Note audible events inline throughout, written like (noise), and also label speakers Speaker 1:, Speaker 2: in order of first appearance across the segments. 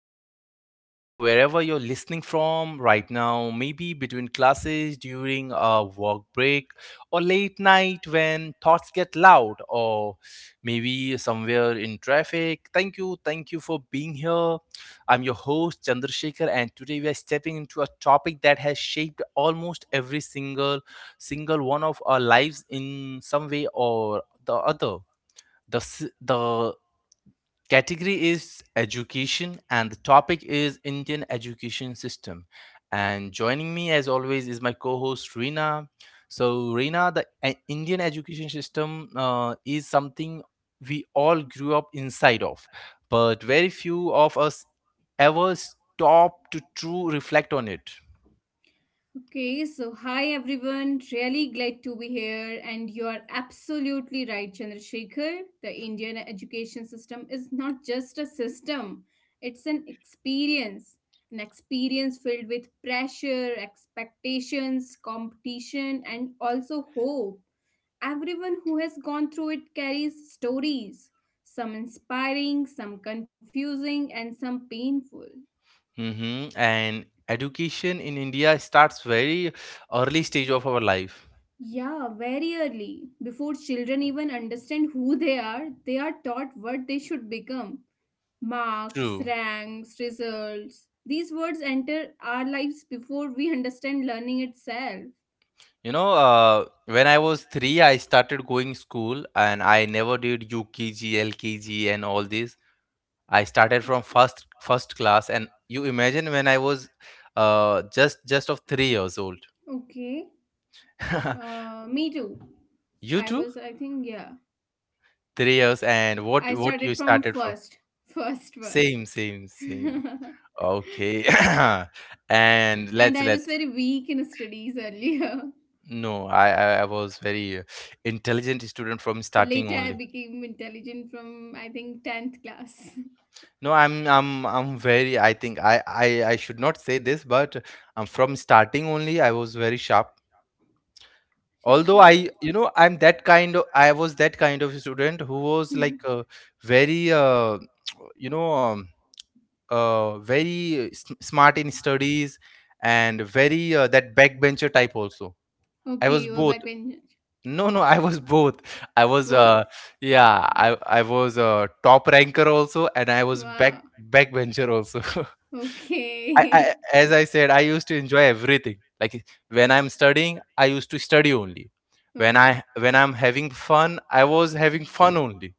Speaker 1: Welcome back wherever you're listening from right now. Maybe between classes, during a work break, or late night when thoughts get loud, or maybe somewhere in traffic. Thank you. Thank you for being here. I'm your host, Chandrasekhar, and today we are stepping into a topic that has shaped almost every single one of our lives in some way or the other. The category is education and the topic is Indian education system. And joining me as always is my co-host Reena. So, Reena, the Indian education system is something we all grew up inside of, but very few of us ever stop to true reflect on it.
Speaker 2: Okay, so hi everyone. Really glad to be here. And you are absolutely right, Chandrasekhar. The Indian education system is not just a system, it's an experience. An experience filled with pressure, expectations, competition, and also hope. Everyone who has gone through it carries stories, some inspiring, some confusing, and some painful.
Speaker 1: Hmm. And education in India starts very early stage of our life.
Speaker 2: Yeah, very early. Before children even understand who they are taught what they should become. Marks,
Speaker 1: True.
Speaker 2: ranks, results. These words enter our lives before we understand learning itself.
Speaker 1: You know, when I was three, I started going school, and I never did UKG, LKG, and all this. I started from first class, and you imagine when I was just of 3 years old.
Speaker 2: Okay.
Speaker 1: (laughs)
Speaker 2: Me too.
Speaker 1: You
Speaker 2: I
Speaker 1: too.
Speaker 2: was, I think, yeah.
Speaker 1: 3 years. And what
Speaker 2: I
Speaker 1: what
Speaker 2: started
Speaker 1: you
Speaker 2: from
Speaker 1: started from?
Speaker 2: first, first, first.
Speaker 1: Same, same,
Speaker 2: (laughs)
Speaker 1: same.
Speaker 2: And
Speaker 1: Okay. (coughs) (clears throat) And let's
Speaker 2: I
Speaker 1: let
Speaker 2: was very weak in studies earlier. (laughs)
Speaker 1: no, I was very intelligent student from
Speaker 2: But
Speaker 1: starting
Speaker 2: later I
Speaker 1: only.
Speaker 2: became intelligent from, I think, 10th class.
Speaker 1: No, I'm very, I think I should not say this, but from starting only I was very sharp.
Speaker 2: (laughs) Sharp
Speaker 1: Although
Speaker 2: minded.
Speaker 1: I you know I'm that kind of I was that kind of student who was
Speaker 2: Hmm.
Speaker 1: like very (tsk) you know smart in studies and very that backbencher type also. I
Speaker 2: Okay,
Speaker 1: was
Speaker 2: you were
Speaker 1: both.
Speaker 2: backbench.
Speaker 1: No, no, I was both. I was
Speaker 2: Both.
Speaker 1: yeah, I was a top ranker also, and I was back
Speaker 2: Wow.
Speaker 1: backbencher also. (laughs) I,
Speaker 2: Okay.
Speaker 1: I
Speaker 2: (laughs)
Speaker 1: as I said, I used to enjoy everything. Like when I'm studying, I used to study only.
Speaker 2: Okay.
Speaker 1: When I'm having fun, I was having fun only.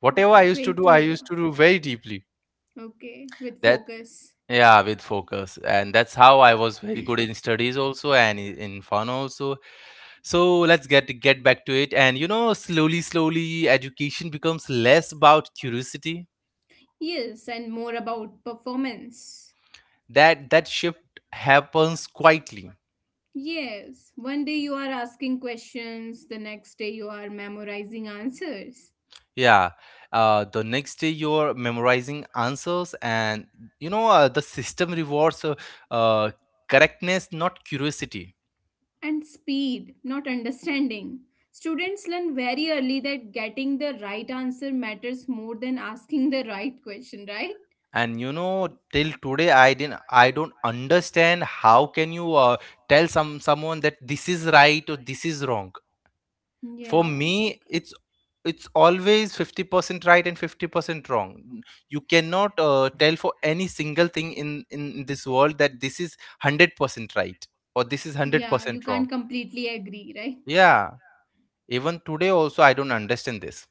Speaker 1: Whatever I
Speaker 2: That's
Speaker 1: used to
Speaker 2: great
Speaker 1: do,
Speaker 2: to
Speaker 1: I
Speaker 2: hear.
Speaker 1: used to do very deeply.
Speaker 2: Okay, with
Speaker 1: That
Speaker 2: focus.
Speaker 1: yeah, with focus. And that's how I was very good in studies also and in fun also. So let's get back to it. And you know, slowly slowly education becomes less about curiosity.
Speaker 2: Yes, and more about performance.
Speaker 1: That shift happens quietly.
Speaker 2: Yes, one day you are asking questions, the next day you are memorizing answers.
Speaker 1: Yeah. The next day you're memorizing answers. And you know, the system rewards uh, correctness, not curiosity.
Speaker 2: And speed, not understanding. Students learn very early that getting the right answer matters more than asking the right question, right?
Speaker 1: And you know, till today I don't understand how can you tell someone that this is right or this is wrong. For
Speaker 2: Yeah.
Speaker 1: me, it's always 50% right and 50% wrong. You cannot tell for any single thing in this world that this is 100% right or this is
Speaker 2: Yeah, you
Speaker 1: 100%
Speaker 2: can't
Speaker 1: wrong.
Speaker 2: completely agree, right?
Speaker 1: Yeah, even today also I don't understand this.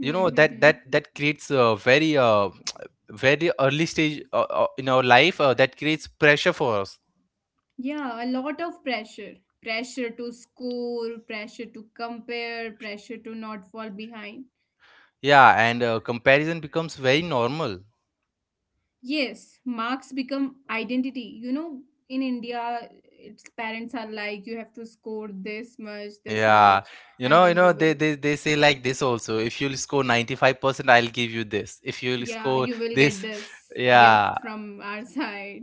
Speaker 1: You know,
Speaker 2: Hmm. Hmm,
Speaker 1: that
Speaker 2: hmm.
Speaker 1: that that creates a very (tsk) very early stage in our life that creates pressure for us.
Speaker 2: Yeah, a lot of pressure. Pressure to score, pressure to compare, pressure to not fall behind.
Speaker 1: Yeah, and comparison becomes very normal.
Speaker 2: Yes, marks become identity. You know, in India, it's parents are like, you have to score this
Speaker 1: Yeah,
Speaker 2: much, and then you
Speaker 1: they,
Speaker 2: will,
Speaker 1: they they say like this also. If you'll score 95%, I'll give you this. If you'll
Speaker 2: yeah,
Speaker 1: score
Speaker 2: you will get
Speaker 1: this,
Speaker 2: this gift
Speaker 1: yeah.
Speaker 2: from our side.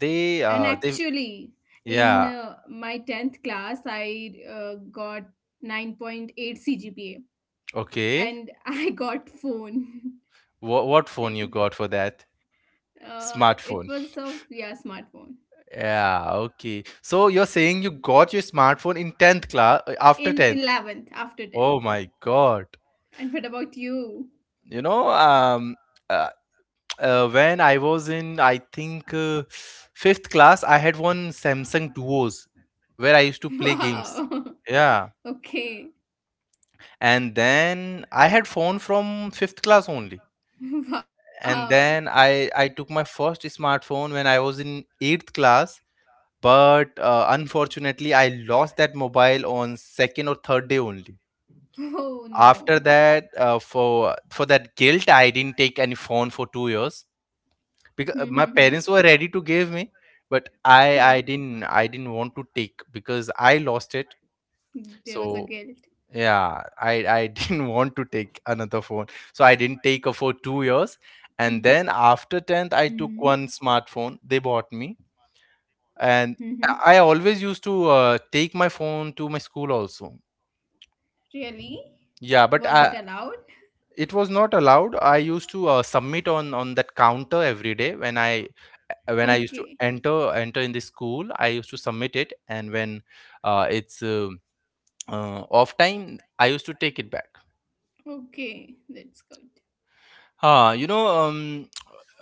Speaker 1: They
Speaker 2: And
Speaker 1: uh they
Speaker 2: actually, in
Speaker 1: yeah.
Speaker 2: my 10th class, I got 9.8 CGPA
Speaker 1: Okay.
Speaker 2: and (laughs) I got phone. (laughs)
Speaker 1: What phone you
Speaker 2: And
Speaker 1: got for that?
Speaker 2: uh, it
Speaker 1: Smartphone.
Speaker 2: was of, yeah, smartphone.
Speaker 1: Yeah, okay. So you're saying you got your smartphone in 10th class, after
Speaker 2: In
Speaker 1: 10th.
Speaker 2: 11th after
Speaker 1: Oh
Speaker 2: 10th.
Speaker 1: my God.
Speaker 2: And what about you?
Speaker 1: You know, uh, when I was in, I think, fifth class, I had one Samsung Duos
Speaker 2: (laughs)
Speaker 1: where I used to play
Speaker 2: Wow.
Speaker 1: games.
Speaker 2: (laughs)
Speaker 1: Yeah.
Speaker 2: Okay.
Speaker 1: And then I had phone from fifth class only.
Speaker 2: (laughs) Wow.
Speaker 1: And then I took my first smartphone when I was in eighth class. But unfortunately, I lost that mobile on second or third day only.
Speaker 2: Oh
Speaker 1: After
Speaker 2: no. (laughs)
Speaker 1: that, for that guilt, I didn't take any phone for 2 years.
Speaker 2: Hmm.
Speaker 1: Because my parents were ready to give me, but
Speaker 2: Yeah.
Speaker 1: I didn't want to take because I lost it.
Speaker 2: There
Speaker 1: So
Speaker 2: was a guilt.
Speaker 1: yeah, I (laughs) didn't want to take another phone. So I didn't take a for 2 years. And then
Speaker 2: Mm-hmm.
Speaker 1: after 10th I took one smartphone they bought me.
Speaker 2: Mm-hmm.
Speaker 1: And I always used to take my phone to my school also.
Speaker 2: Really?
Speaker 1: Yeah,
Speaker 2: Was
Speaker 1: but
Speaker 2: it allowed?
Speaker 1: it was not allowed. I used to submit on that counter every day
Speaker 2: Okay,
Speaker 1: when I used to enter in the school. I used to submit it, and when it's off time, I used to take it back.
Speaker 2: okay, that's good.
Speaker 1: Uh, you know, um,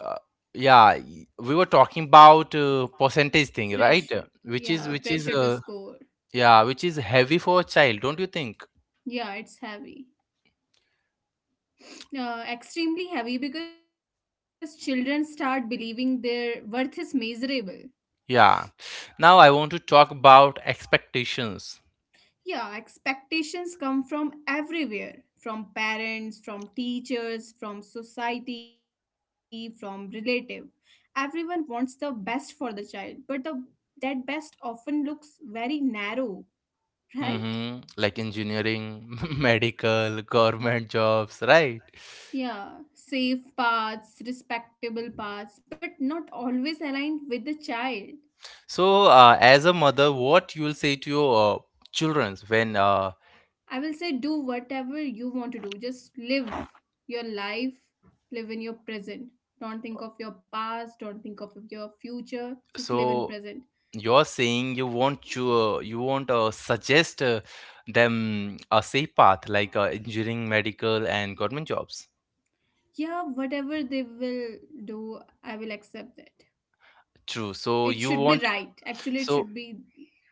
Speaker 1: uh, yeah, we were talking about percentage thing,
Speaker 2: Pressure,
Speaker 1: right?
Speaker 2: yeah, pressure
Speaker 1: Which
Speaker 2: to
Speaker 1: is
Speaker 2: score.
Speaker 1: Yeah, which is heavy for a child, don't you think?
Speaker 2: Yeah, it's heavy, extremely heavy because children start believing their worth is miserable.
Speaker 1: Yeah. Now I want to talk about expectations.
Speaker 2: Yeah, expectations come from everywhere from parents, from teachers, from society, from relative. Everyone wants the best for the child, but the that best often looks very narrow, right?
Speaker 1: Mhm. Like engineering, (laughs) medical, government jobs, right?
Speaker 2: Yeah, safe paths, respectable paths, but not always aligned with the child.
Speaker 1: So, as a mother, what you'll say to your children when
Speaker 2: I will say do whatever you want to do. Just live your life, live in your present. Don't think of your past, don't think of your future. Just live in
Speaker 1: so
Speaker 2: present.
Speaker 1: you're saying you want to you won't suggest them a safe path like engineering, medical, and government jobs.
Speaker 2: Yeah, whatever they will do, I will accept that.
Speaker 1: True.
Speaker 2: It should be right. Actually, it
Speaker 1: So
Speaker 2: should be,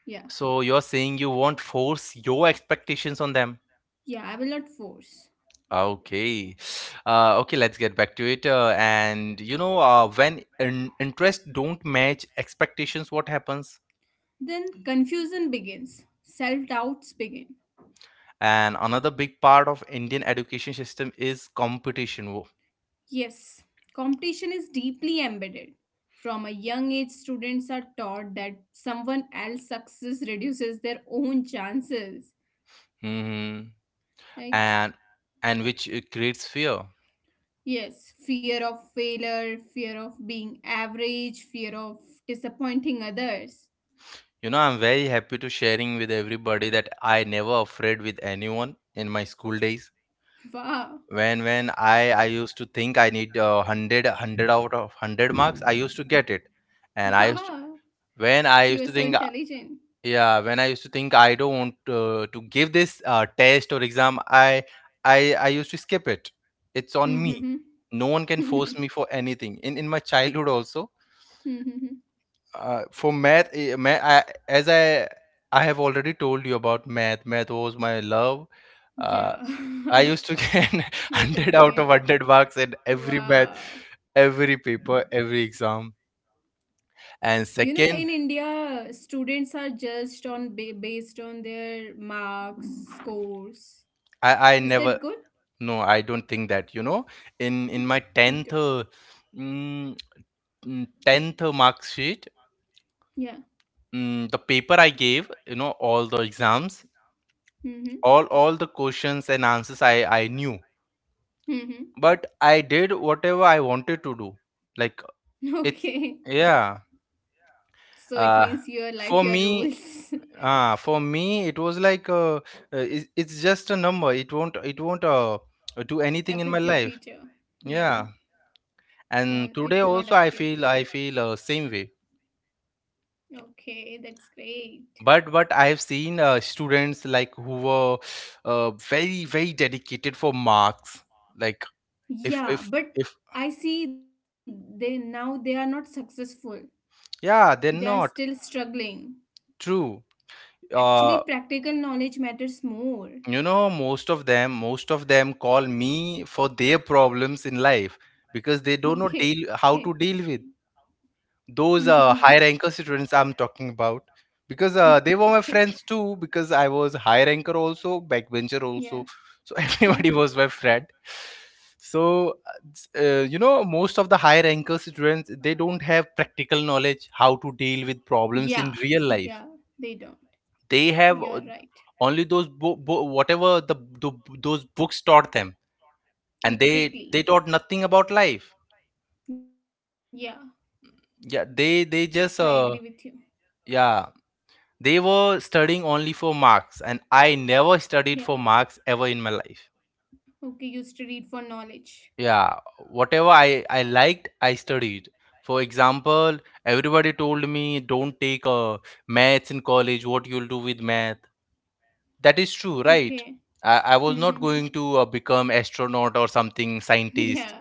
Speaker 2: yeah.
Speaker 1: so you're saying you won't force your expectations on them.
Speaker 2: Yeah, I will not force.
Speaker 1: Ah, okay. Okay, let's get back to it. And you know, when interest don't match expectations, what happens?
Speaker 2: Then confusion begins. Self doubts begin.
Speaker 1: And another big part of Indian education system is competition.
Speaker 2: Yes, competition is deeply embedded. From a young age, students are taught that someone else's success reduces their own chances,
Speaker 1: Mm-hmm.
Speaker 2: right?
Speaker 1: And and which creates fear.
Speaker 2: Yes, fear of failure, fear of being average, fear of disappointing others.
Speaker 1: You know, I'm very happy to sharing with everybody that I never afraid with anyone in my school days.
Speaker 2: Wow,
Speaker 1: When I used to think I need 100 out of 100 marks, I used to get it. And
Speaker 2: (laughs)
Speaker 1: I used to
Speaker 2: wow,
Speaker 1: when I
Speaker 2: you
Speaker 1: used
Speaker 2: are
Speaker 1: to
Speaker 2: so
Speaker 1: think
Speaker 2: intelligent.
Speaker 1: Yeah, when I used to think I don't want to give this test or exam, I used to skip it. It's on me.
Speaker 2: (laughs) Hmm.
Speaker 1: No one can force me for anything. In my childhood also,
Speaker 2: Hmm, hmm.
Speaker 1: for math, as I have already told you about math. Math was my love.
Speaker 2: (laughs)
Speaker 1: Uh,
Speaker 2: Yeah,
Speaker 1: I used to get (laughs)
Speaker 2: (laughs) you
Speaker 1: 100
Speaker 2: told
Speaker 1: out
Speaker 2: me
Speaker 1: of
Speaker 2: earlier.
Speaker 1: 100 marks in every math,
Speaker 2: Wow.
Speaker 1: every paper, every exam. And
Speaker 2: You know, in
Speaker 1: second,
Speaker 2: India, students are judged on based on their marks, scores.
Speaker 1: I
Speaker 2: Is
Speaker 1: never.
Speaker 2: that good?
Speaker 1: No, I don't think that. You know, in my
Speaker 2: Me
Speaker 1: 10th
Speaker 2: too.
Speaker 1: mm, 10th mark sheet,
Speaker 2: Yeah.
Speaker 1: the paper I gave, all the exams,
Speaker 2: Mm-hmm.
Speaker 1: all the questions and answers I knew.
Speaker 2: Mm-hmm. (laughs)
Speaker 1: But I did whatever I wanted to do. Like
Speaker 2: Okay.
Speaker 1: it's yeah.
Speaker 2: So it means
Speaker 1: Uh
Speaker 2: your life, your
Speaker 1: for me
Speaker 2: rules
Speaker 1: for me it was like it's just a number. It won't do
Speaker 2: (laughs)
Speaker 1: anything in my
Speaker 2: affect your
Speaker 1: life.
Speaker 2: future. Yeah.
Speaker 1: Yeah.
Speaker 2: It won't-
Speaker 1: And
Speaker 2: it will
Speaker 1: today
Speaker 2: not affect
Speaker 1: also
Speaker 2: your future.
Speaker 1: I feel same way.
Speaker 2: Okay, that's great.
Speaker 1: But what I've seen students like who were very very dedicated for marks. Like if
Speaker 2: Yeah,
Speaker 1: if
Speaker 2: but
Speaker 1: if
Speaker 2: I see they now they are not successful. They are
Speaker 1: yeah, they're
Speaker 2: still
Speaker 1: not.
Speaker 2: struggling.
Speaker 1: True.
Speaker 2: Actually,
Speaker 1: Uh,
Speaker 2: practical knowledge matters more. (laughs)
Speaker 1: you know, most of them call me for their problems in life because they don't know
Speaker 2: Okay.
Speaker 1: deal how to deal with.
Speaker 2: Mm-hmm.
Speaker 1: Those high ranker students I'm talking about, because they
Speaker 2: Okay.
Speaker 1: were my friends too, because I was high ranker also, backbencher
Speaker 2: Yeah.
Speaker 1: also. So (laughs) everybody was my friend. So you know, most of the high ranker students, they don't have practical knowledge how to deal
Speaker 2: Yeah.
Speaker 1: with problems in
Speaker 2: Yeah.
Speaker 1: real
Speaker 2: They
Speaker 1: life.
Speaker 2: don't. You
Speaker 1: They
Speaker 2: are
Speaker 1: have
Speaker 2: right.
Speaker 1: only those whatever the those books taught them. And they
Speaker 2: Exactly.
Speaker 1: they taught nothing about life.
Speaker 2: Yeah.
Speaker 1: Yeah,
Speaker 2: I
Speaker 1: they
Speaker 2: agree
Speaker 1: they
Speaker 2: with
Speaker 1: just
Speaker 2: you.
Speaker 1: yeah. They were studying only for marks, and I never
Speaker 2: Yeah.
Speaker 1: studied for marks ever in my life.
Speaker 2: Okay. You studied for knowledge.
Speaker 1: Yeah, whatever I liked, I studied. For example, everybody told me, don't take maths in college, what you'll do with math. That is true,
Speaker 2: Okay.
Speaker 1: right? I was
Speaker 2: Mm-hmm.
Speaker 1: not
Speaker 2: (laughs)
Speaker 1: going to become astronaut or something,
Speaker 2: Yeah.
Speaker 1: scientist.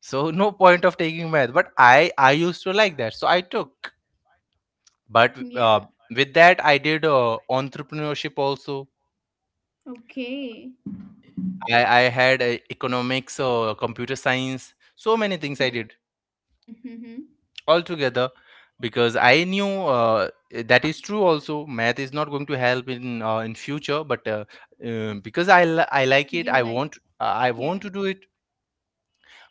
Speaker 1: So no point of taking math. But I used to like that, so I took.
Speaker 2: Yeah.
Speaker 1: But with that, I did entrepreneurship also.
Speaker 2: Okay.
Speaker 1: I had economics or computer science, so many things I did
Speaker 2: Mm-hmm.
Speaker 1: altogether, because I knew that is true. Also, math is not going to help in future, but because I like it,
Speaker 2: You like,
Speaker 1: I want to
Speaker 2: yeah,
Speaker 1: do it.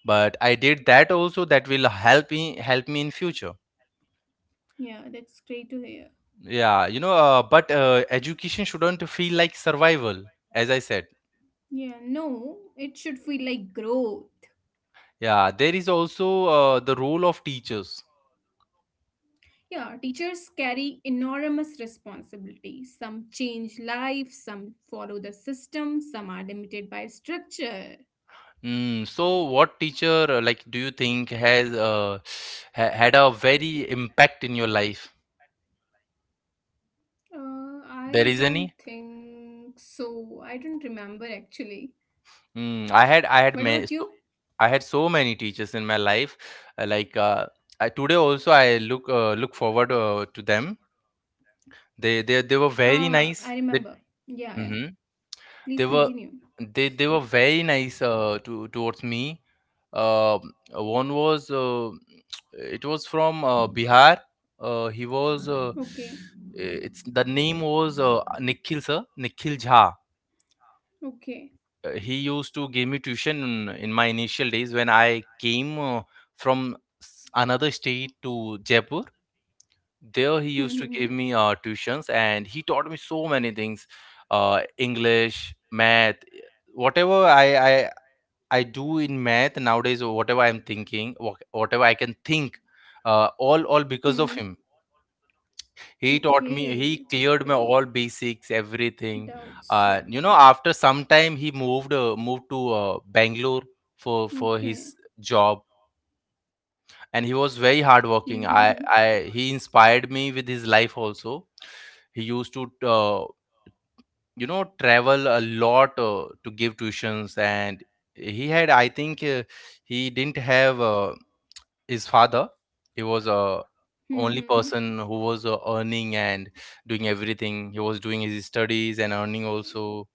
Speaker 1: But I did that also. That will help me in future.
Speaker 2: yeah, that's great to hear.
Speaker 1: Yeah, you know. But education shouldn't feel like survival, as I said.
Speaker 2: Yeah, no, it should feel like growth.
Speaker 1: Yeah, there is also the role of teachers.
Speaker 2: Yeah, teachers carry enormous responsibility. Some change lives, some follow the system, some are limited by structure.
Speaker 1: Mm, so what teacher like do you think has (sighs) ha had a very impact in your life?
Speaker 2: I
Speaker 1: There
Speaker 2: don't
Speaker 1: is any?
Speaker 2: think so. I don't remember actually.
Speaker 1: Mm, I had I
Speaker 2: What
Speaker 1: had ma
Speaker 2: about you?
Speaker 1: so I had so many teachers in my life. Like today also I look forward to them. They were
Speaker 2: Uh,
Speaker 1: very
Speaker 2: I
Speaker 1: nice.
Speaker 2: remember.
Speaker 1: They.
Speaker 2: Yeah, yeah.
Speaker 1: Mhm.
Speaker 2: Please
Speaker 1: They
Speaker 2: continue.
Speaker 1: were they were very nice to towards me. One was (tsk) it was from Bihar. He
Speaker 2: Okay,
Speaker 1: was It's the name was Nikhil sir, Nikhil Jha.
Speaker 2: okay.
Speaker 1: He used to give me tuition in my initial days when I came from another state to Jaipur.
Speaker 2: Hmm, hmm, hmm.
Speaker 1: There he used to give me tuitions, and he taught me so many things, English, math, whatever I I do in math nowadays. Whatever I'm thinking, whatever I can think,
Speaker 2: Hmm, hmm.
Speaker 1: all because of him. He taught
Speaker 2: Okay,
Speaker 1: me.
Speaker 2: it's
Speaker 1: He cleared
Speaker 2: great.
Speaker 1: my all basics, everything.
Speaker 2: Doubts, yeah.
Speaker 1: After some time, he moved moved to Bangalore for
Speaker 2: Okay.
Speaker 1: his job, and he
Speaker 2: Hmm,
Speaker 1: was
Speaker 2: hmm,
Speaker 1: very
Speaker 2: hmm.
Speaker 1: hardworking. I he inspired me with his life also. He used to travel a lot to give tuitions, and he had I think. He didn't have his father he
Speaker 2: Hmm,
Speaker 1: was
Speaker 2: hmm,
Speaker 1: a
Speaker 2: hmm.
Speaker 1: only person who was earning and doing everything. He was doing his studies and earning also.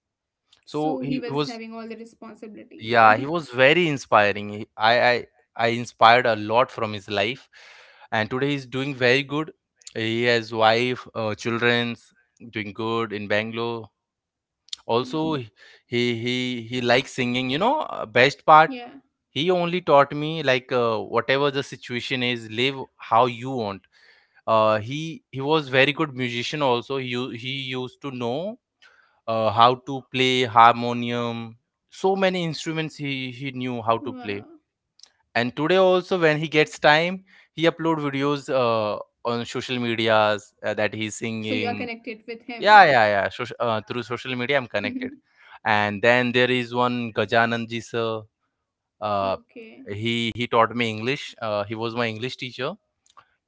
Speaker 1: So
Speaker 2: So he
Speaker 1: he
Speaker 2: was
Speaker 1: was
Speaker 2: having all the responsibilities,
Speaker 1: Yeah,
Speaker 2: right?
Speaker 1: he was very inspiring. I inspired a lot from his life, and today he's doing very good. He has wife, children's, doing good in Bangalore also.
Speaker 2: Wow.
Speaker 1: He He likes singing, best part.
Speaker 2: Yeah.
Speaker 1: He only taught me, like, whatever the situation is, live how you want. He was very good musician also. He used to know how to play harmonium, so many instruments he knew how to play.
Speaker 2: Wow.
Speaker 1: And today also, when he gets time, he upload videos on social
Speaker 2: So
Speaker 1: medias,
Speaker 2: you are
Speaker 1: that he's
Speaker 2: connected with
Speaker 1: singing.
Speaker 2: him.
Speaker 1: Yeah, yeah, yeah. Soc Through social media, I'm
Speaker 2: (laughs)
Speaker 1: connected. And then there is one Gajananji sir. Uh,
Speaker 2: Okay.
Speaker 1: he taught me English. He was my English teacher.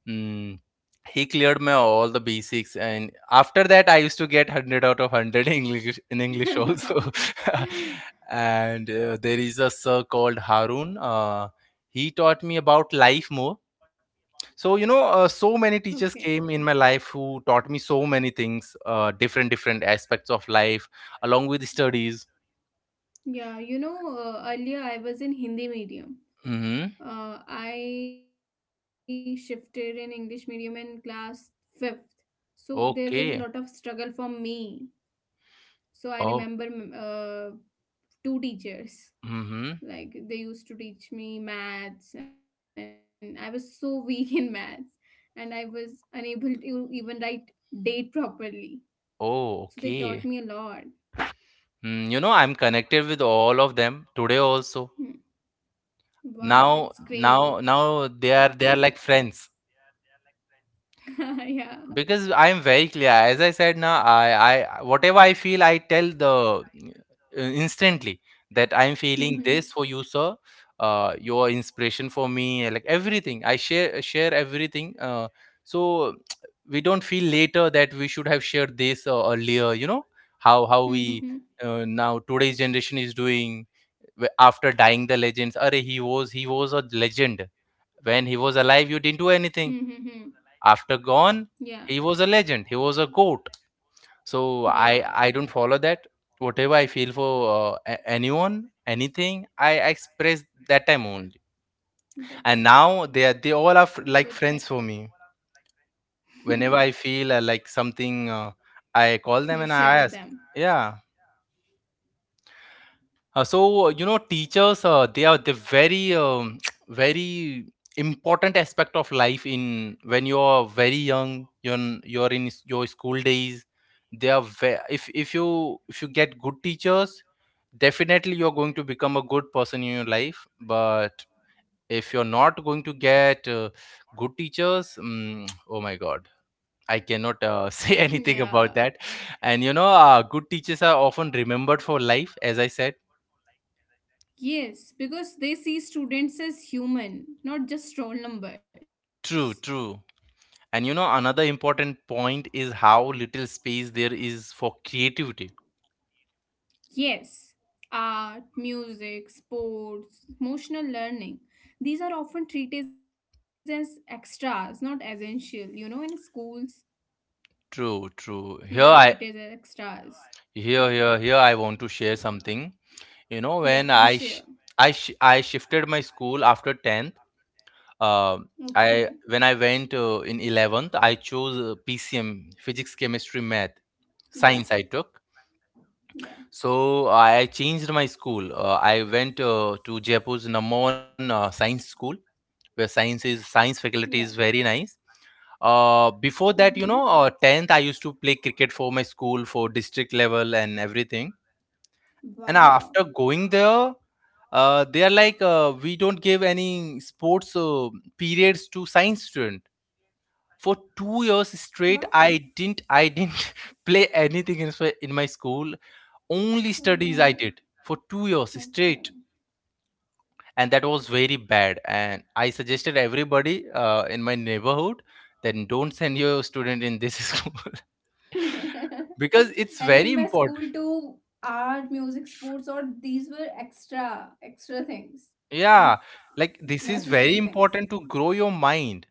Speaker 1: Mm, he cleared me all the basics, and after that, I used to get hundred out of hundred in English, in English
Speaker 2: (laughs)
Speaker 1: also. (laughs) And there is a sir called Harun. He taught me about life more. So,
Speaker 2: Okay.
Speaker 1: so many teachers came in my life who taught me so many things, different different aspects of life, along with studies.
Speaker 2: Yeah, you know, earlier I was in Hindi medium.
Speaker 1: Mm-hmm.
Speaker 2: I shifted in English medium in class fifth. So there was a lot of
Speaker 1: Okay.
Speaker 2: struggle for me. So I remember
Speaker 1: Oh.
Speaker 2: two teachers.
Speaker 1: Mm-hmm.
Speaker 2: Like they used to teach me maths, and I was so weak (laughs) in maths, and I was unable to even write date properly.
Speaker 1: Oh,
Speaker 2: So they
Speaker 1: okay.
Speaker 2: taught me a lot.
Speaker 1: Mm, you know, I'm connected with all of them today also.
Speaker 2: Hmm.
Speaker 1: now
Speaker 2: Wow, that's
Speaker 1: now now
Speaker 2: great
Speaker 1: they
Speaker 2: to
Speaker 1: are,
Speaker 2: hear.
Speaker 1: they are like friends,
Speaker 2: (laughs) Yeah.
Speaker 1: because I am very clear. As I said, now I whatever I feel, I tell the, instantly, that I'm feeling this for you,
Speaker 2: Hmm.
Speaker 1: sir, your inspiration for me. Like, everything I share, everything, so (tsk) we don't feel later that we should have shared this earlier, you know, how we
Speaker 2: Hmm. Hmm.
Speaker 1: now today's generation is doing. After dying, the legends are, he was a legend. When he was alive, you
Speaker 2: Hmm.
Speaker 1: didn't
Speaker 2: Hmm.
Speaker 1: do
Speaker 2: Hmm.
Speaker 1: anything. After
Speaker 2: Yeah.
Speaker 1: gone, he was a legend. He was a goat. So I
Speaker 2: Yeah.
Speaker 1: don't follow that. Whatever I feel for anyone, anything, I express that time only. And now they are,
Speaker 2: That's
Speaker 1: they
Speaker 2: a
Speaker 1: all are,
Speaker 2: good thing.
Speaker 1: like friends for me. Whenever I feel like something, I call them and
Speaker 2: (laughs) You
Speaker 1: I ask.
Speaker 2: share with them. (laughs)
Speaker 1: Yeah. Teachers, they are the very (tsk) very important aspect of life. In When you are very young, you're you're in your school days. If you, if you get good teachers, definitely you're going to become a good person in your life. But if you're not going to get good teachers, mm, (tsk) oh my god, I cannot (laughs) say
Speaker 2: Yeah.
Speaker 1: anything about that. And you know, good teachers are often remembered for life, as I said.
Speaker 2: Yes, because they see students as human, not just roll numbers.
Speaker 1: True, true. And you know, another important point is how little space there is for creativity.
Speaker 2: Yes, art, music, sports, emotional learning. These are often treated as extras, not essential. You know, in schools,
Speaker 1: True,
Speaker 2: these
Speaker 1: true.
Speaker 2: are treated as extras. Yeah.
Speaker 1: Here I want to share something. You know,
Speaker 2: Yeah,
Speaker 1: when
Speaker 2: please
Speaker 1: I sh-
Speaker 2: share.
Speaker 1: I sh- I shifted my school after 10th. uh,
Speaker 2: Okay.
Speaker 1: I when I went in 11th, I chose PCM, physics, chemistry, math,
Speaker 2: Yeah.
Speaker 1: science I took.
Speaker 2: Yeah.
Speaker 1: So I changed my school. I went to Jaipur's number one science school, where science
Speaker 2: Yeah.
Speaker 1: faculty is very nice. Before
Speaker 2: Mm-hmm.
Speaker 1: that, you know, 10th, I used to play cricket for my school, for district level and everything. And after
Speaker 2: Wow.
Speaker 1: going there, they are like, we don't give any sports periods to science student. For 2 years
Speaker 2: What?
Speaker 1: straight, I didn't (laughs) play anything in, in my school. Only
Speaker 2: Oh
Speaker 1: studies I did
Speaker 2: no.
Speaker 1: for 2 years straight,
Speaker 2: Okay.
Speaker 1: and that was very bad. And I suggested everybody, in my neighborhood, then don't send your student in this (laughs) school, because it's
Speaker 2: (laughs)
Speaker 1: very
Speaker 2: And in my
Speaker 1: important.
Speaker 2: school too, art, music, sports, or these were extra, extra things,
Speaker 1: Yeah,
Speaker 2: not
Speaker 1: like, this is very important
Speaker 2: necessary
Speaker 1: to grow
Speaker 2: things.
Speaker 1: your mind.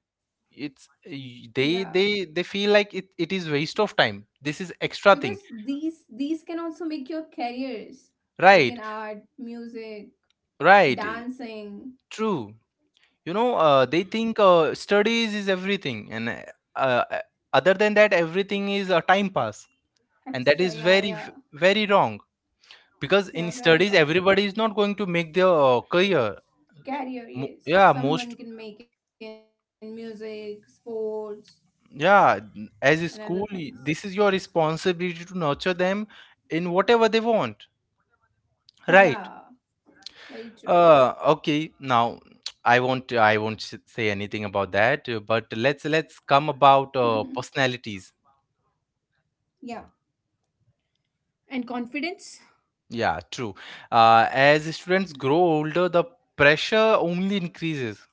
Speaker 2: Yeah,
Speaker 1: They feel like it is waste of time, this is extra thing.
Speaker 2: because these can also make your careers,
Speaker 1: Right.
Speaker 2: like in art, music,
Speaker 1: Right. True.
Speaker 2: dancing.
Speaker 1: You know, they think studies is everything, and uh, other than that, everything is a time pass. And
Speaker 2: Extra,
Speaker 1: that is
Speaker 2: yeah, yeah,
Speaker 1: very wrong, because in
Speaker 2: yeah, very
Speaker 1: studies,
Speaker 2: wrong.
Speaker 1: everybody is not going to make their career.
Speaker 2: Career, yes,
Speaker 1: Yeah, most.
Speaker 2: someone can make in music, sports,
Speaker 1: Yeah,
Speaker 2: and other
Speaker 1: as a
Speaker 2: things.
Speaker 1: school, this is your responsibility to nurture them in whatever they want, right?
Speaker 2: Yeah, very true.
Speaker 1: Okay. Now, (tsk) I won't say anything about that. But let's come
Speaker 2: (laughs)
Speaker 1: about personalities.
Speaker 2: Yeah, and confidence.
Speaker 1: Yeah, true. As students grow older, the pressure only increases.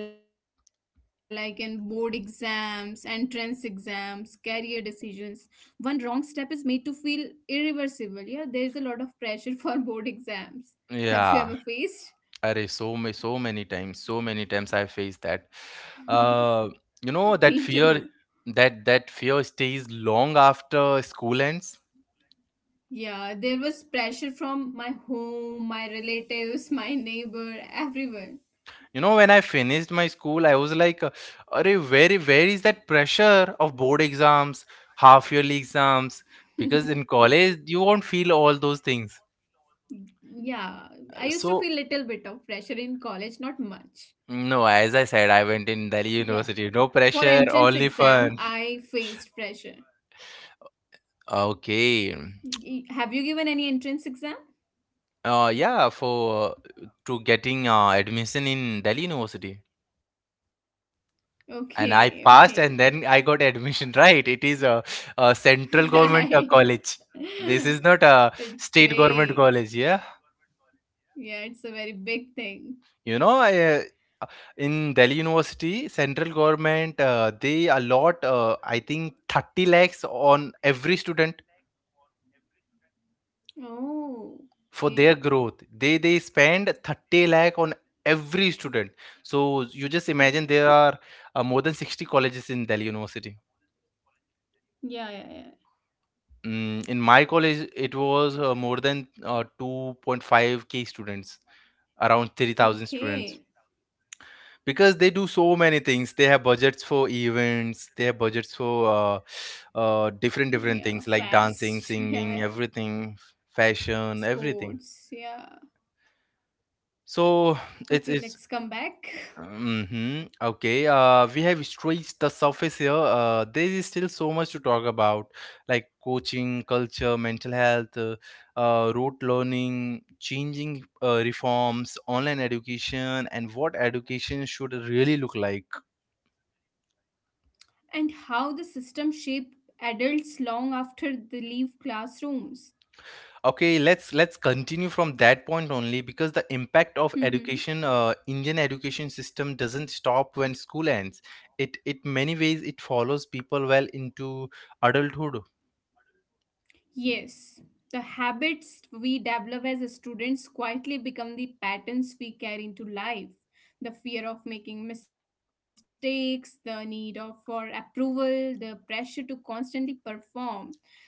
Speaker 2: Yeah, like in board exams, entrance exams, career decisions. One wrong step is made to feel irreversible. Yeah, there is a lot of pressure (laughs) for board exams. Have
Speaker 1: Yeah.
Speaker 2: you ever faced?
Speaker 1: Array, so many times I faced that. Uh,
Speaker 2: (laughs) Me
Speaker 1: you know,
Speaker 2: too.
Speaker 1: that fear, that fear stays long after school ends.
Speaker 2: Yeah, there was pressure from my home, my relatives, (laughs) my neighbor, everyone.
Speaker 1: You know, when I finished my school, I was like, "Arey, where is that pressure of board exams, half yearly exams?" Because in college, you won't feel all those things.
Speaker 2: Yeah, I used to feel
Speaker 1: So
Speaker 2: little bit of pressure in college, not much.
Speaker 1: no, as I said, I went in
Speaker 2: Yeah,
Speaker 1: Delhi University.
Speaker 2: for
Speaker 1: No
Speaker 2: entrance
Speaker 1: pressure,
Speaker 2: exam,
Speaker 1: only
Speaker 2: I
Speaker 1: fun.
Speaker 2: faced pressure.
Speaker 1: Okay.
Speaker 2: Have you given any entrance exam?
Speaker 1: Yeah, for to getting admission in Delhi University, and
Speaker 2: Okay,
Speaker 1: I
Speaker 2: okay.
Speaker 1: passed,
Speaker 2: (laughs)
Speaker 1: and then I got (laughs) admission. Right, it is a central government
Speaker 2: Right.
Speaker 1: college. This is not
Speaker 2: (laughs)
Speaker 1: a
Speaker 2: It's
Speaker 1: state
Speaker 2: great.
Speaker 1: government college. Yeah,
Speaker 2: Yeah, it's a very big thing.
Speaker 1: you know, in Delhi University, central government, they allot, I think, 30 lakhs on every student
Speaker 2: Oh,
Speaker 1: for
Speaker 2: okay.
Speaker 1: their growth. They spend 30 lakh on every student. So you just imagine, there
Speaker 2: Okay.
Speaker 1: are more than 60 colleges in Delhi University.
Speaker 2: Yeah, yeah, yeah.
Speaker 1: Mm, in my college it was more than 2.5k students, around 3,000 students,
Speaker 2: Okay.
Speaker 1: because they do so many things. They have budgets for events, they have budgets for different different things,
Speaker 2: Yeah,
Speaker 1: like dancing,
Speaker 2: fast. (laughs)
Speaker 1: singing,
Speaker 2: Yeah, yeah.
Speaker 1: everything, fashion, everything.
Speaker 2: Sports. Yeah.
Speaker 1: So it's
Speaker 2: Okay, let's come back.
Speaker 1: Mm-hmm. Okay. We have scratched the surface here. There is still so much to talk about, like coaching, culture, mental health, rote learning, changing reforms, online education, and what education should really look like.
Speaker 2: And how the system shaped adults long after they leave classrooms. (laughs)
Speaker 1: Okay, let's continue from that point only, because the impact of education,
Speaker 2: Hmm.
Speaker 1: Indian education system doesn't stop when school ends. It many ways, it follows people well into adulthood.
Speaker 2: Yes, the habits we develop as students quietly become the patterns we carry into life. The fear of making mistakes, the need of for approval, the pressure to constantly perform.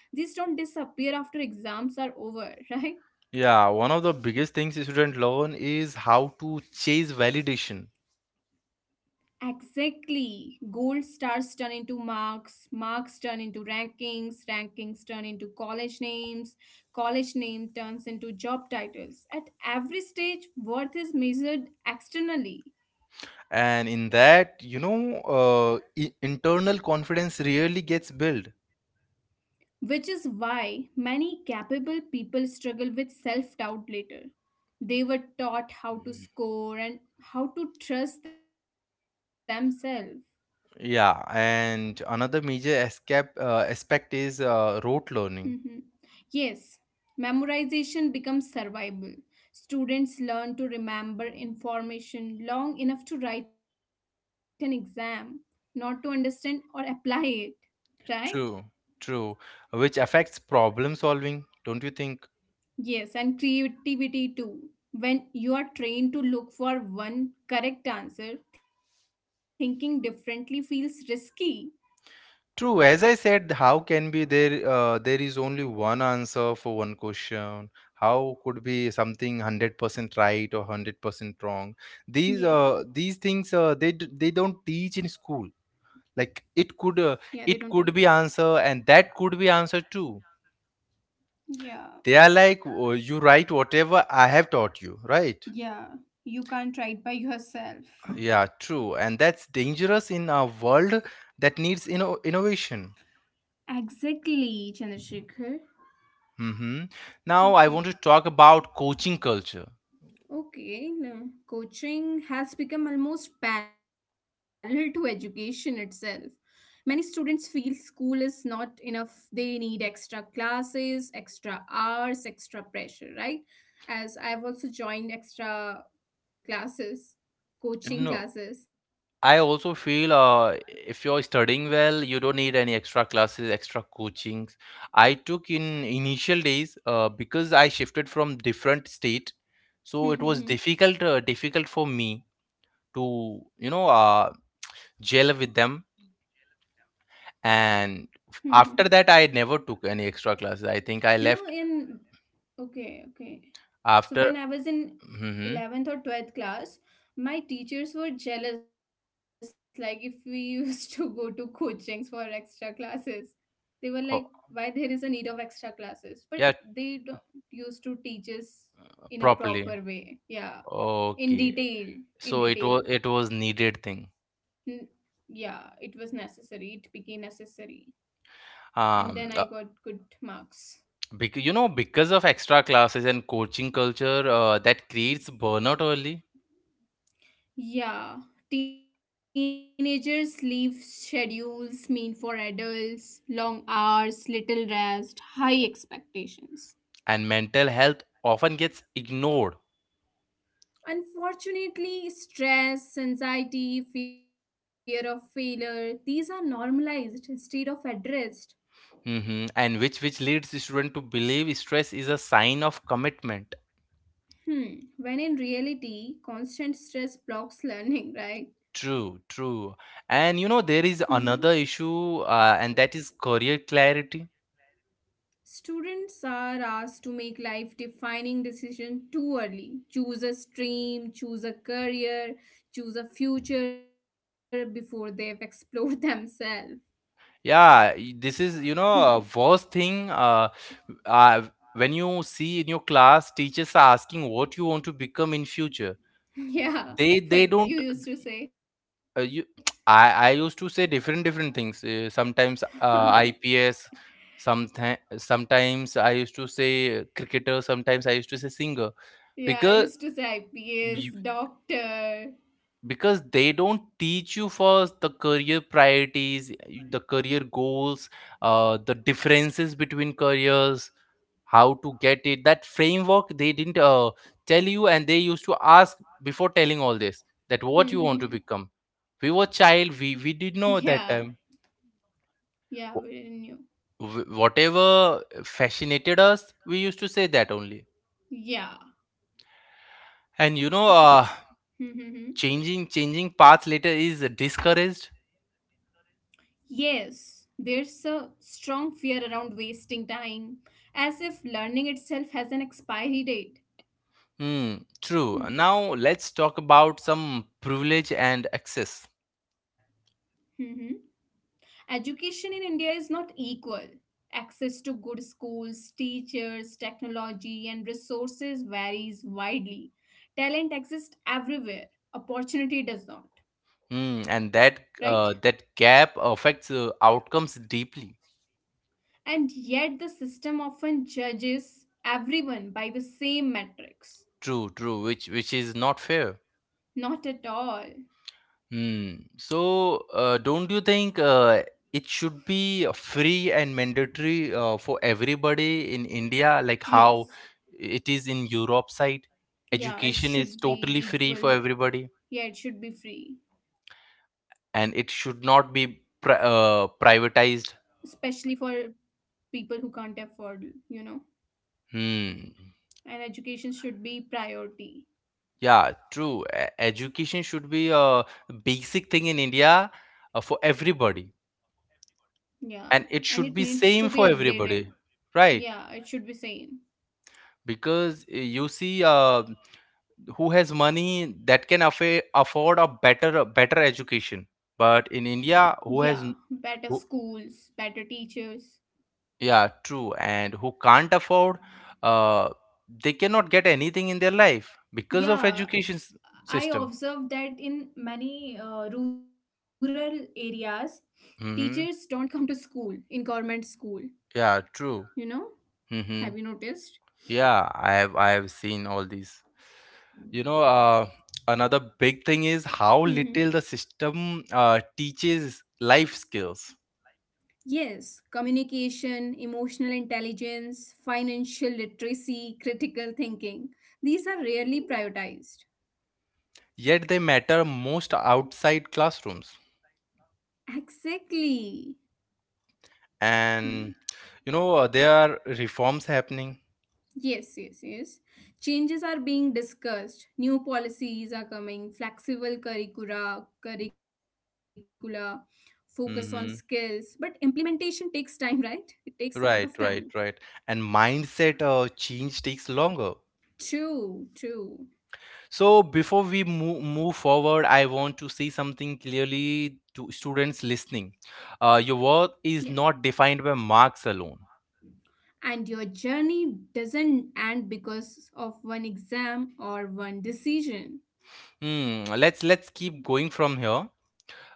Speaker 2: These don't disappear after exams are over, (laughs) right?
Speaker 1: Yeah, one of the biggest things students learn is how to chase validation.
Speaker 2: Exactly. Gold stars turn into marks, marks turn into rankings, rankings turn into college names, college name turns into job titles. At every stage, worth is measured externally,
Speaker 1: And in that, you know, internal confidence really gets built.
Speaker 2: which is why many capable people struggle with self doubt later. They were taught how to
Speaker 1: Mhm.
Speaker 2: score and how to trust themselves.
Speaker 1: Yeah, and another major escape, aspect is rote learning.
Speaker 2: Mhm. Yes, memorization becomes survival. Students learn to remember information long enough to write an exam, not to understand or apply it, right?
Speaker 1: True, true, which affects problem solving, don't you think?
Speaker 2: Yes, and creativity too. When you are trained to look for one correct answer, thinking differently feels risky.
Speaker 1: True. As I said, how can be there? There is only one answer for one question. How could be something 100% right or 100% wrong?
Speaker 2: Yeah,
Speaker 1: These things, they don't teach in school. Like,
Speaker 2: yeah, they don't teach.
Speaker 1: it could be answer, and that could be answer too.
Speaker 2: Yeah,
Speaker 1: They are like, "Oh, you write whatever I have taught you, right?
Speaker 2: yeah, you can't write by yourself.
Speaker 1: Yeah, true. And that's dangerous in a world that needs innovation.
Speaker 2: Exactly, Chandrasekhar.
Speaker 1: Hmm. Now I
Speaker 2: Okay.
Speaker 1: want to talk about coaching culture.
Speaker 2: Okay, coaching has become almost parallel to education itself. Many students feel school is not enough. They need extra classes, extra hours, extra pressure, right? As I've also joined extra classes, coaching
Speaker 1: No,
Speaker 2: classes.
Speaker 1: I also feel if you're studying well, you don't need any extra classes, extra coachings. I took in initial days because I shifted from different state, so it was difficult, difficult for me to, you know, gel with them. And
Speaker 2: (laughs)
Speaker 1: after that, I never took any extra classes. I
Speaker 2: You know,
Speaker 1: think I left
Speaker 2: in okay, okay. So when I
Speaker 1: after.
Speaker 2: was in
Speaker 1: Hmm.
Speaker 2: 11th or 12th class, my teachers were jealous like if we used (laughs) to go to coachings for extra classes. They were like why
Speaker 1: Oh,
Speaker 2: there is a need of extra classes, but
Speaker 1: yeah,
Speaker 2: they don't used to teach us in a proper
Speaker 1: properly.
Speaker 2: way. Yeah, in
Speaker 1: Okay,
Speaker 2: detail, in
Speaker 1: so it was,
Speaker 2: detail.
Speaker 1: it was needed
Speaker 2: N-
Speaker 1: thing.
Speaker 2: yeah, it was necessary. It became necessary. And then I
Speaker 1: Um, uh,
Speaker 2: got good marks.
Speaker 1: Because of extra classes and coaching culture, that creates burnout early,
Speaker 2: Yeah, teenagers leave schedules mean for adults, long hours, little rest, high expectations.
Speaker 1: and mental health often gets ignored.
Speaker 2: Unfortunately, stress, anxiety, fear of failure, these are normalized instead of addressed.
Speaker 1: Mhm. And which leads the student to believe stress is a sign of commitment.
Speaker 2: Hmm, when in reality, constant stress blocks learning, (laughs) right?
Speaker 1: True, true. And you know, there is
Speaker 2: Hmm.
Speaker 1: another issue, and that is career clarity.
Speaker 2: Students are asked to make life defining decision too early. Choose a stream, choose a career, choose a future before they've explored (laughs) themselves.
Speaker 1: Yeah, this is, you
Speaker 2: Hmm.
Speaker 1: know, a worst thing. Uh, when you see in your class, teachers are asking what you want to become in future.
Speaker 2: Yeah,
Speaker 1: They
Speaker 2: what
Speaker 1: don't
Speaker 2: you used to say.
Speaker 1: You, I used to say different different things.
Speaker 2: (laughs)
Speaker 1: Sometimes
Speaker 2: Okay.
Speaker 1: IPS, sometimes I used to say cricketer. Sometimes I used to say singer,
Speaker 2: Yeah, I
Speaker 1: because
Speaker 2: used to say
Speaker 1: you-
Speaker 2: IPS, doctor.
Speaker 1: because they don't teach you first the career priorities, the career goals, the differences between careers, how to get it. That framework they didn't tell you, and they used to ask, before telling all this, that
Speaker 2: (laughs)
Speaker 1: what you want to
Speaker 2: Yeah,
Speaker 1: become. We were child. We did know at that time.
Speaker 2: yeah, we didn't
Speaker 1: Wh-
Speaker 2: know.
Speaker 1: whatever fascinated us, we used to say that only,
Speaker 2: Yeah.
Speaker 1: and
Speaker 2: And- (laughs)
Speaker 1: changing paths later is discouraged.
Speaker 2: Yes, there's a strong fear around wasting time, as if learning itself has an expiry date.
Speaker 1: Hmm, true.
Speaker 2: Hmm,
Speaker 1: Now let's talk about some privilege and access.
Speaker 2: mhm. Education in India is not equal. Access to good schools, teachers, technology, and resources varies widely. Talent exists everywhere, opportunity does not, right?
Speaker 1: Hmm, and that gap affects outcomes deeply.
Speaker 2: And yet, the system often judges everyone by the same metrics.
Speaker 1: True, which is not fair.
Speaker 2: Not at all.
Speaker 1: Hmm. So, don't you think it should be free and mandatory for everybody in India, like how
Speaker 2: Yes,
Speaker 1: it is in Europe side?
Speaker 2: yeah, it
Speaker 1: Education is
Speaker 2: should
Speaker 1: totally
Speaker 2: be
Speaker 1: free for
Speaker 2: equal.
Speaker 1: everybody,
Speaker 2: Yeah, it should be free,
Speaker 1: and it should not be
Speaker 2: especially
Speaker 1: privatized.
Speaker 2: for people who can't afford, you know.
Speaker 1: Hmm.
Speaker 2: And education should be priority.
Speaker 1: Yeah, true. Education should be a basic thing in India, for everybody,
Speaker 2: Yeah. And
Speaker 1: and
Speaker 2: it
Speaker 1: it should
Speaker 2: needs
Speaker 1: be
Speaker 2: to be
Speaker 1: same for
Speaker 2: upgraded.
Speaker 1: everybody,
Speaker 2: Yeah,
Speaker 1: right?
Speaker 2: it should be same.
Speaker 1: Because you see, who has money, that can affa afford a better education, but in
Speaker 2: Yeah,
Speaker 1: India,
Speaker 2: better
Speaker 1: who has n-
Speaker 2: schools,
Speaker 1: who
Speaker 2: better teachers.
Speaker 1: yeah True. And who can't afford, uh they cannot get anything in their life because of
Speaker 2: Yeah,
Speaker 1: education s-
Speaker 2: I
Speaker 1: system
Speaker 2: observed that in many rural areas, teachers don't
Speaker 1: Mm-hmm.
Speaker 2: come to school in government school,
Speaker 1: Yeah,
Speaker 2: you
Speaker 1: true.
Speaker 2: know? Have you
Speaker 1: Mm-hmm.
Speaker 2: noticed?
Speaker 1: Yeah, I have, I have seen all these. you know uh Another big thing is how little
Speaker 2: Mhm.
Speaker 1: the system teaches life skills,
Speaker 2: Yes, communication, emotional intelligence, financial literacy, critical thinking. These are rarely prioritized.
Speaker 1: yet they matter most outside classrooms.
Speaker 2: Exactly. Hmm.
Speaker 1: And there are reforms happening.
Speaker 2: Yes, yes, yes. Changes are being discussed. New policies are coming, flexible curricula, focus on skills. But
Speaker 1: Hmm.
Speaker 2: implementation takes time, right? It takes a lot of time.
Speaker 1: Right, right, right. And mindset change takes longer.
Speaker 2: True, true.
Speaker 1: So before we move forward, I want to say something clearly to students listening.
Speaker 2: Yeah.
Speaker 1: Your worth is not defined by marks alone.
Speaker 2: And your journey doesn't end because of one exam or one decision.
Speaker 1: Hmm, let's keep going from here.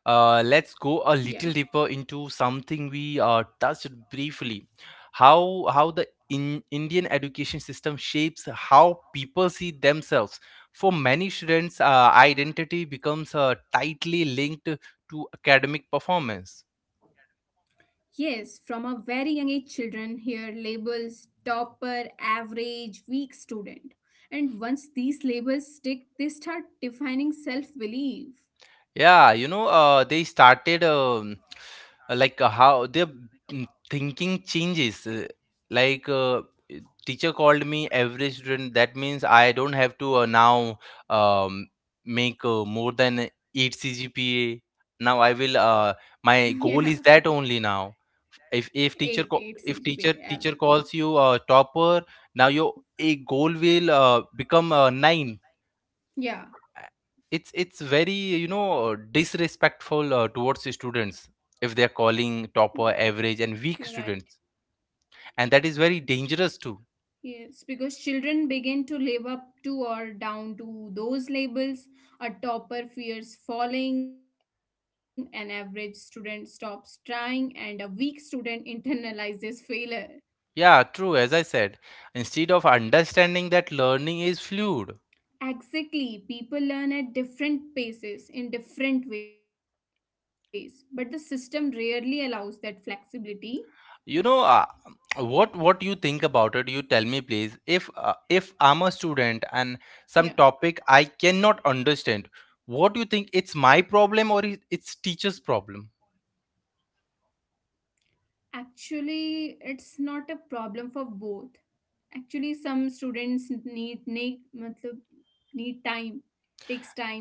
Speaker 2: Yeah.
Speaker 1: Let's go a little deeper into something we touched briefly. How the in Indian education system shapes how people see themselves. For many students, identity becomes tightly linked to academic performance.
Speaker 2: Yes, from a very young age, children hear labels topper, average, weak student. And once these labels stick, they start defining self belief. (laughs)
Speaker 1: Yeah, you know, they started like how their thinking changes. Like uh, Teacher called me every student. That means I don't have to now um, make more than 8 CGPA. Now I will.
Speaker 2: Yeah,
Speaker 1: My goal is that only now.
Speaker 2: 8,
Speaker 1: If
Speaker 2: 8
Speaker 1: if teacher
Speaker 2: CGPA
Speaker 1: co- if
Speaker 2: average.
Speaker 1: teacher teacher calls you a topper, now your a goal will become 9.
Speaker 2: Yeah,
Speaker 1: It's very, you know, disrespectful towards the students if they're
Speaker 2: yeah,
Speaker 1: calling topper, average
Speaker 2: you're
Speaker 1: and
Speaker 2: right.
Speaker 1: weak students, and that is very dangerous too.
Speaker 2: Yes, because children begin to live up to or down to those labels. A topper fears falling, an average student stops trying, and a weak student (laughs) internalizes failure.
Speaker 1: Yeah, true. As I said, instead of understanding that learning is fluid.
Speaker 2: Exactly, people learn at different paces in different ways, but the system rarely allows that flexibility.
Speaker 1: you know uh, what you think about it, you tell me please. If if I'm a student and some topic
Speaker 2: Yeah,
Speaker 1: I cannot understand, what do you think? It's my problem, or it's teacher's problem?
Speaker 2: actually, it's not a problem for both. Actually, some students need matlab, need time.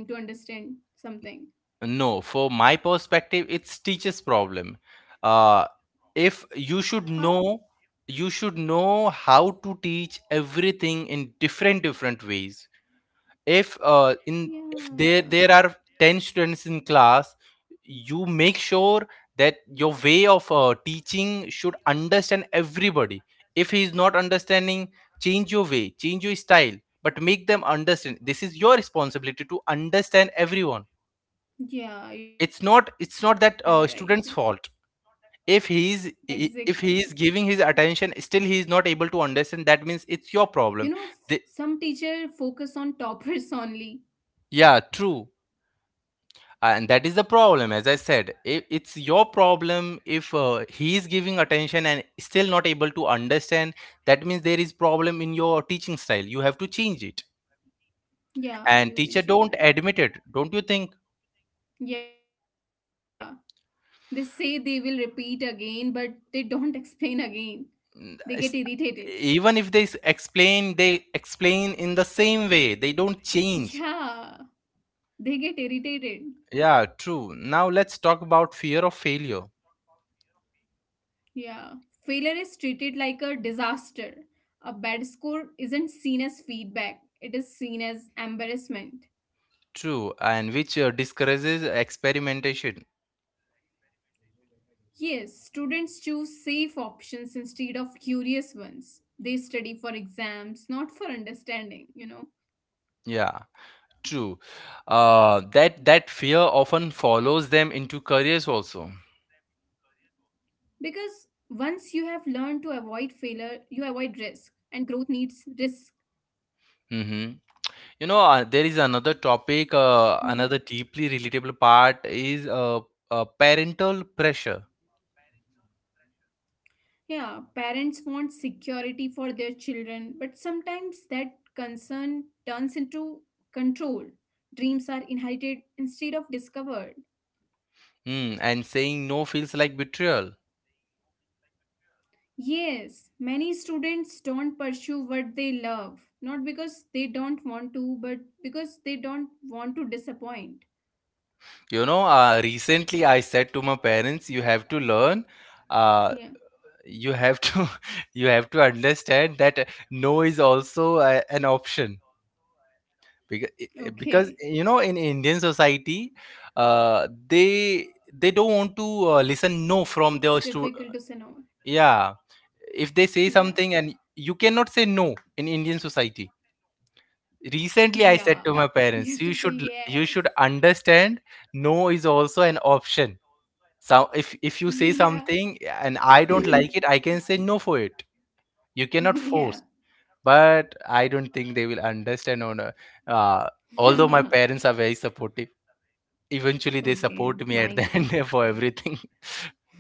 Speaker 2: Takes time to understand something.
Speaker 1: No, for my perspective, it's teachers' problem. Uh, if you should
Speaker 2: How?
Speaker 1: know, you should know how to teach everything in different ways. If in if there are ten
Speaker 2: Yeah.
Speaker 1: students in class, you make sure that your way of teaching should understand everybody. If he is not understanding, change your way, change your style, but make them understand. This is your responsibility, to understand everyone. it's not it's
Speaker 2: Yeah,
Speaker 1: not that
Speaker 2: you're right. Yeah.
Speaker 1: student's fault. If if he is
Speaker 2: Exactly.
Speaker 1: giving his attention, still he is not able to understand, that means it's your problem. the,
Speaker 2: You know, some teacher focus on toppers (laughs)
Speaker 1: yeah,
Speaker 2: only.
Speaker 1: true. And that is the problem. As I said, I it's your problem. If he is giving attention and still not able to understand, that means there is problem in your teaching style, you have to change it. And teacher
Speaker 2: Yeah,
Speaker 1: don't
Speaker 2: you can
Speaker 1: admit it,
Speaker 2: change it.
Speaker 1: don't you think?
Speaker 2: Yeah. They say they will repeat again, but they don't (laughs) explain again. They
Speaker 1: It's-
Speaker 2: get irritated.
Speaker 1: Even if they explain, they explain in the same way, they don't change.
Speaker 2: Yeah, they get
Speaker 1: Yeah, true.
Speaker 2: irritated.
Speaker 1: Now let's talk about fear of failure.
Speaker 2: Yeah. Failure is treated like a disaster. A bad score isn't seen as feedback, it is seen as embarrassment.
Speaker 1: True, and which discourages experimentation.
Speaker 2: Yes, students choose safe options instead of curious ones. They study for exams, not for understanding, you know.
Speaker 1: Yeah, true. That that fear often follows them into careers also.
Speaker 2: Because once you have learned to avoid failure, you avoid risk, and growth needs risk.
Speaker 1: Hmm. You know, there is another topic, another deeply relatable
Speaker 2: Hmm.
Speaker 1: part is parental pressure.
Speaker 2: Yeah, parents want security for their children, but sometimes that concern turns into control. Dreams are inherited instead of discovered.
Speaker 1: Mm, and saying no feels like betrayal.
Speaker 2: Yes, many students don't pursue what they love, not because they don't want to, but because they don't want to disappoint.
Speaker 1: You know, recently I said to my parents, "You have to learn." Uh,
Speaker 2: Yeah.
Speaker 1: you have to (laughs) you have to understand that, no is also an option, because because
Speaker 2: Okay,
Speaker 1: you know, in Indian society, uh, they they don't want to listen
Speaker 2: it's
Speaker 1: no from
Speaker 2: difficult to
Speaker 1: their
Speaker 2: say no.
Speaker 1: yeah. If
Speaker 2: Yeah,
Speaker 1: they say something, and you cannot say no in Indian society. Recently, I said
Speaker 2: yeah. (laughs)
Speaker 1: to my
Speaker 2: You have
Speaker 1: parents,
Speaker 2: to
Speaker 1: you
Speaker 2: say
Speaker 1: should, you
Speaker 2: yes.
Speaker 1: should understand, no is also an option. So if you say
Speaker 2: (laughs) Yeah,
Speaker 1: something and I don't like it, I
Speaker 2: (clears throat)
Speaker 1: can say no for it. You cannot force.
Speaker 2: yeah.
Speaker 1: But I don't think they will understand or no. Uh, although my parents are very
Speaker 2: (laughs)
Speaker 1: supportive, eventually they support me
Speaker 2: Okay,
Speaker 1: at the (laughs)
Speaker 2: mine
Speaker 1: end for
Speaker 2: too.
Speaker 1: everything.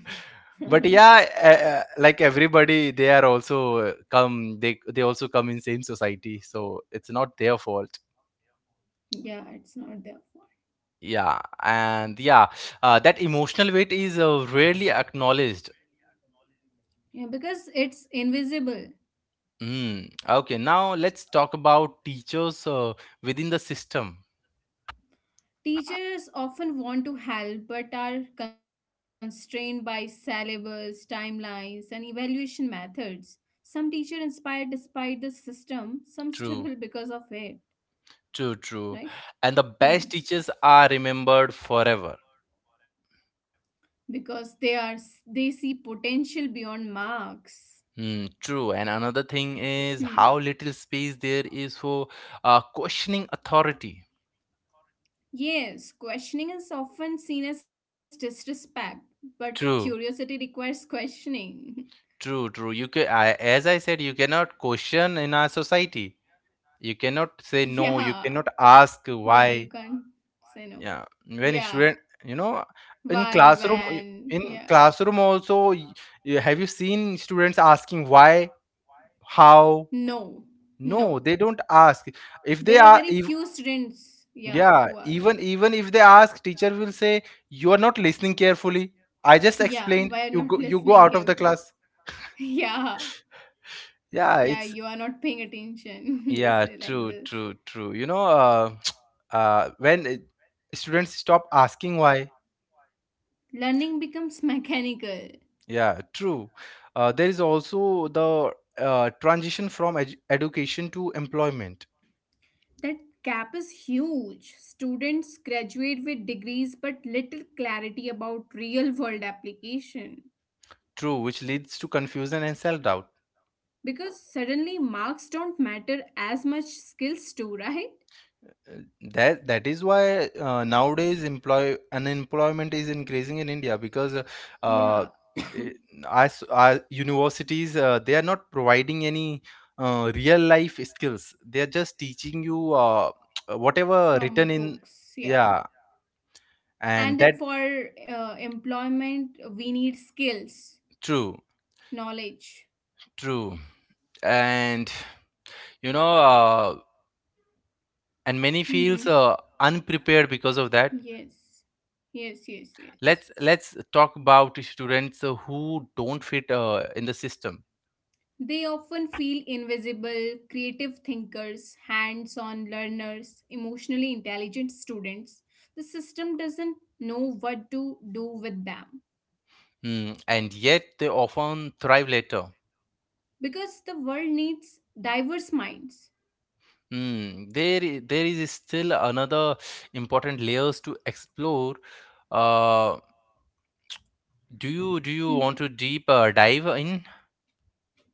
Speaker 1: (laughs) But yeah, like everybody, they are also come. They also come in same society, so it's not their fault.
Speaker 2: (laughs) Yeah, it's not their fault.
Speaker 1: Yeah, and yeah, that emotional weight is rarely acknowledged.
Speaker 2: Yeah, because it's invisible.
Speaker 1: Mm. Okay, now let's talk about teachers within the system.
Speaker 2: Teachers often want to help but are constrained by syllabus, timelines, and evaluation methods. Some teacher inspire despite the system, some
Speaker 1: True.
Speaker 2: struggle because of it,
Speaker 1: True. And the
Speaker 2: right?
Speaker 1: best teachers
Speaker 2: Hmm.
Speaker 1: are remembered forever.
Speaker 2: Because they are they see potential beyond marks.
Speaker 1: Hmm, true. And another thing is how
Speaker 2: Hmm.
Speaker 1: little space there is for questioning authority.
Speaker 2: Yes, questioning is often seen as disrespect, but
Speaker 1: True,
Speaker 2: curiosity requires questioning.
Speaker 1: true. You can, I, as I said, you cannot question in our society. You cannot
Speaker 2: (laughs)
Speaker 1: say no. You
Speaker 2: Yeah.
Speaker 1: cannot ask
Speaker 2: Yeah, you
Speaker 1: why.
Speaker 2: can't say no.
Speaker 1: Yeah. When a
Speaker 2: Yeah.
Speaker 1: student, you know, in
Speaker 2: Why,
Speaker 1: classroom,
Speaker 2: when, yeah.
Speaker 1: in classroom also, have you seen students asking why, how?
Speaker 2: No, no.
Speaker 1: No, they don't ask. If they
Speaker 2: There are
Speaker 1: are,
Speaker 2: very
Speaker 1: if,
Speaker 2: few students, yeah,
Speaker 1: Yeah,
Speaker 2: who ask.
Speaker 1: even even if they ask, teacher will say you are not listening carefully. I just
Speaker 2: Yeah,
Speaker 1: explained.
Speaker 2: why are not
Speaker 1: You go
Speaker 2: listening
Speaker 1: out of the
Speaker 2: carefully?
Speaker 1: class.
Speaker 2: (laughs) Yeah,
Speaker 1: Yeah,
Speaker 2: yeah,
Speaker 1: it's
Speaker 2: you are not paying attention. (laughs) They
Speaker 1: yeah,
Speaker 2: say like
Speaker 1: true,
Speaker 2: this.
Speaker 1: true, true. You know, (tsk) uh, when it- students stop asking why.
Speaker 2: Learning becomes mechanical.
Speaker 1: Yeah, true. There is also the transition from education to employment.
Speaker 2: That gap is huge. Students graduate with degrees but little clarity about real world application.
Speaker 1: True, which leads to confusion and self doubt.
Speaker 2: Because suddenly marks don't matter as much skills do, (laughs) right?
Speaker 1: That is why nowadays employ unemployment is increasing in India, because uh,
Speaker 2: Yeah,
Speaker 1: eh, as our universities, they are not providing any real life skills. They are just teaching you (tsk)
Speaker 2: (coughs)
Speaker 1: whatever
Speaker 2: from
Speaker 1: written in,
Speaker 2: books. Yeah.
Speaker 1: yeah, and
Speaker 2: And
Speaker 1: that,
Speaker 2: for employment, we need skills,
Speaker 1: true,
Speaker 2: knowledge.
Speaker 1: true. And you know, and many
Speaker 2: Mm-hmm.
Speaker 1: feels unprepared because of that.
Speaker 2: Yes. Yes, yes, yes.
Speaker 1: Let's talk about students who don't fit in the system.
Speaker 2: They often feel invisible, creative thinkers, hands on learners, emotionally intelligent students. The system doesn't know what to do with them
Speaker 1: Hmm, and yet they often thrive later.
Speaker 2: because the world needs diverse minds.
Speaker 1: Hmm, there is still another important layers to explore. Uh, do you
Speaker 2: Mhm.
Speaker 1: want to deep dive in?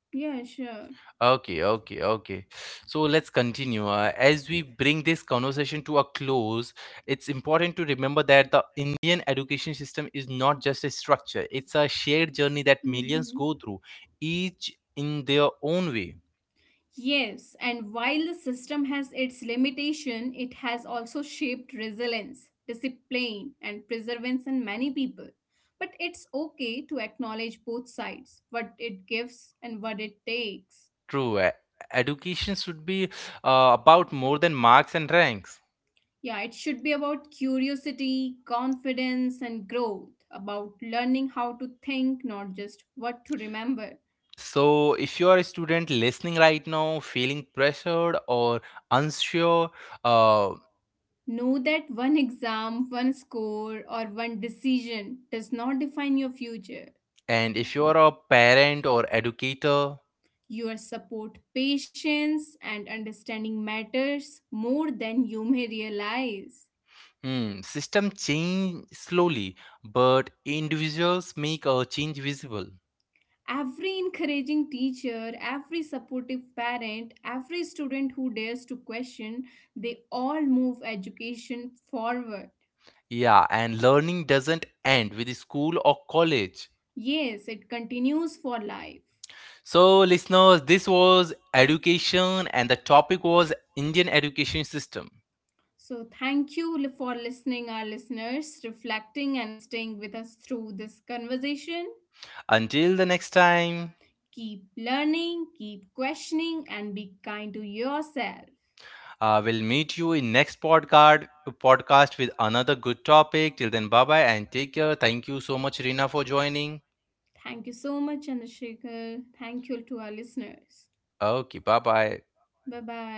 Speaker 2: Yeah, sure.
Speaker 1: Okay. So let's continue. As we bring this conversation to a close, it's important to remember that the Indian education system is not just a structure, it's a shared journey that millions
Speaker 2: Mhm.
Speaker 1: go through, each in their own way.
Speaker 2: Yes, and while the system has its limitation, it has also shaped resilience, discipline, and perseverance in many people. But it's okay to acknowledge both sides, what it gives and what it takes.
Speaker 1: True. Uh, education should be about more than marks and ranks.
Speaker 2: Yeah, it should be about curiosity, confidence, and growth, about learning how to think, not just what to remember.
Speaker 1: So if you are a student listening right now, feeling pressured or unsure, uh,
Speaker 2: Know that one exam, one score, or one decision does not define your future.
Speaker 1: and if you are a parent or educator.
Speaker 2: Your support, patience, and understanding matters more than you may realize.
Speaker 1: Hmm, system change slowly, but individuals make a change visible.
Speaker 2: Every encouraging teacher, every supportive parent, every student who dares to question, they all move education forward.
Speaker 1: Yeah, and learning doesn't end with school or college.
Speaker 2: Yes, it continues for life.
Speaker 1: So, listeners, this was education, and the topic was Indian education system.
Speaker 2: So, thank you for listening, our listeners, reflecting and staying with us through this conversation.
Speaker 1: Until the next time,
Speaker 2: Keep learning, keep questioning, and be kind to yourself.
Speaker 1: we'll meet you in next podcast with another good topic. Till then, bye bye, and take care. Thank you so much, Rina, for joining.
Speaker 2: Thank you so much, Chandrasekhar. Thank you to our listeners.
Speaker 1: Okay, bye bye.
Speaker 2: Bye bye.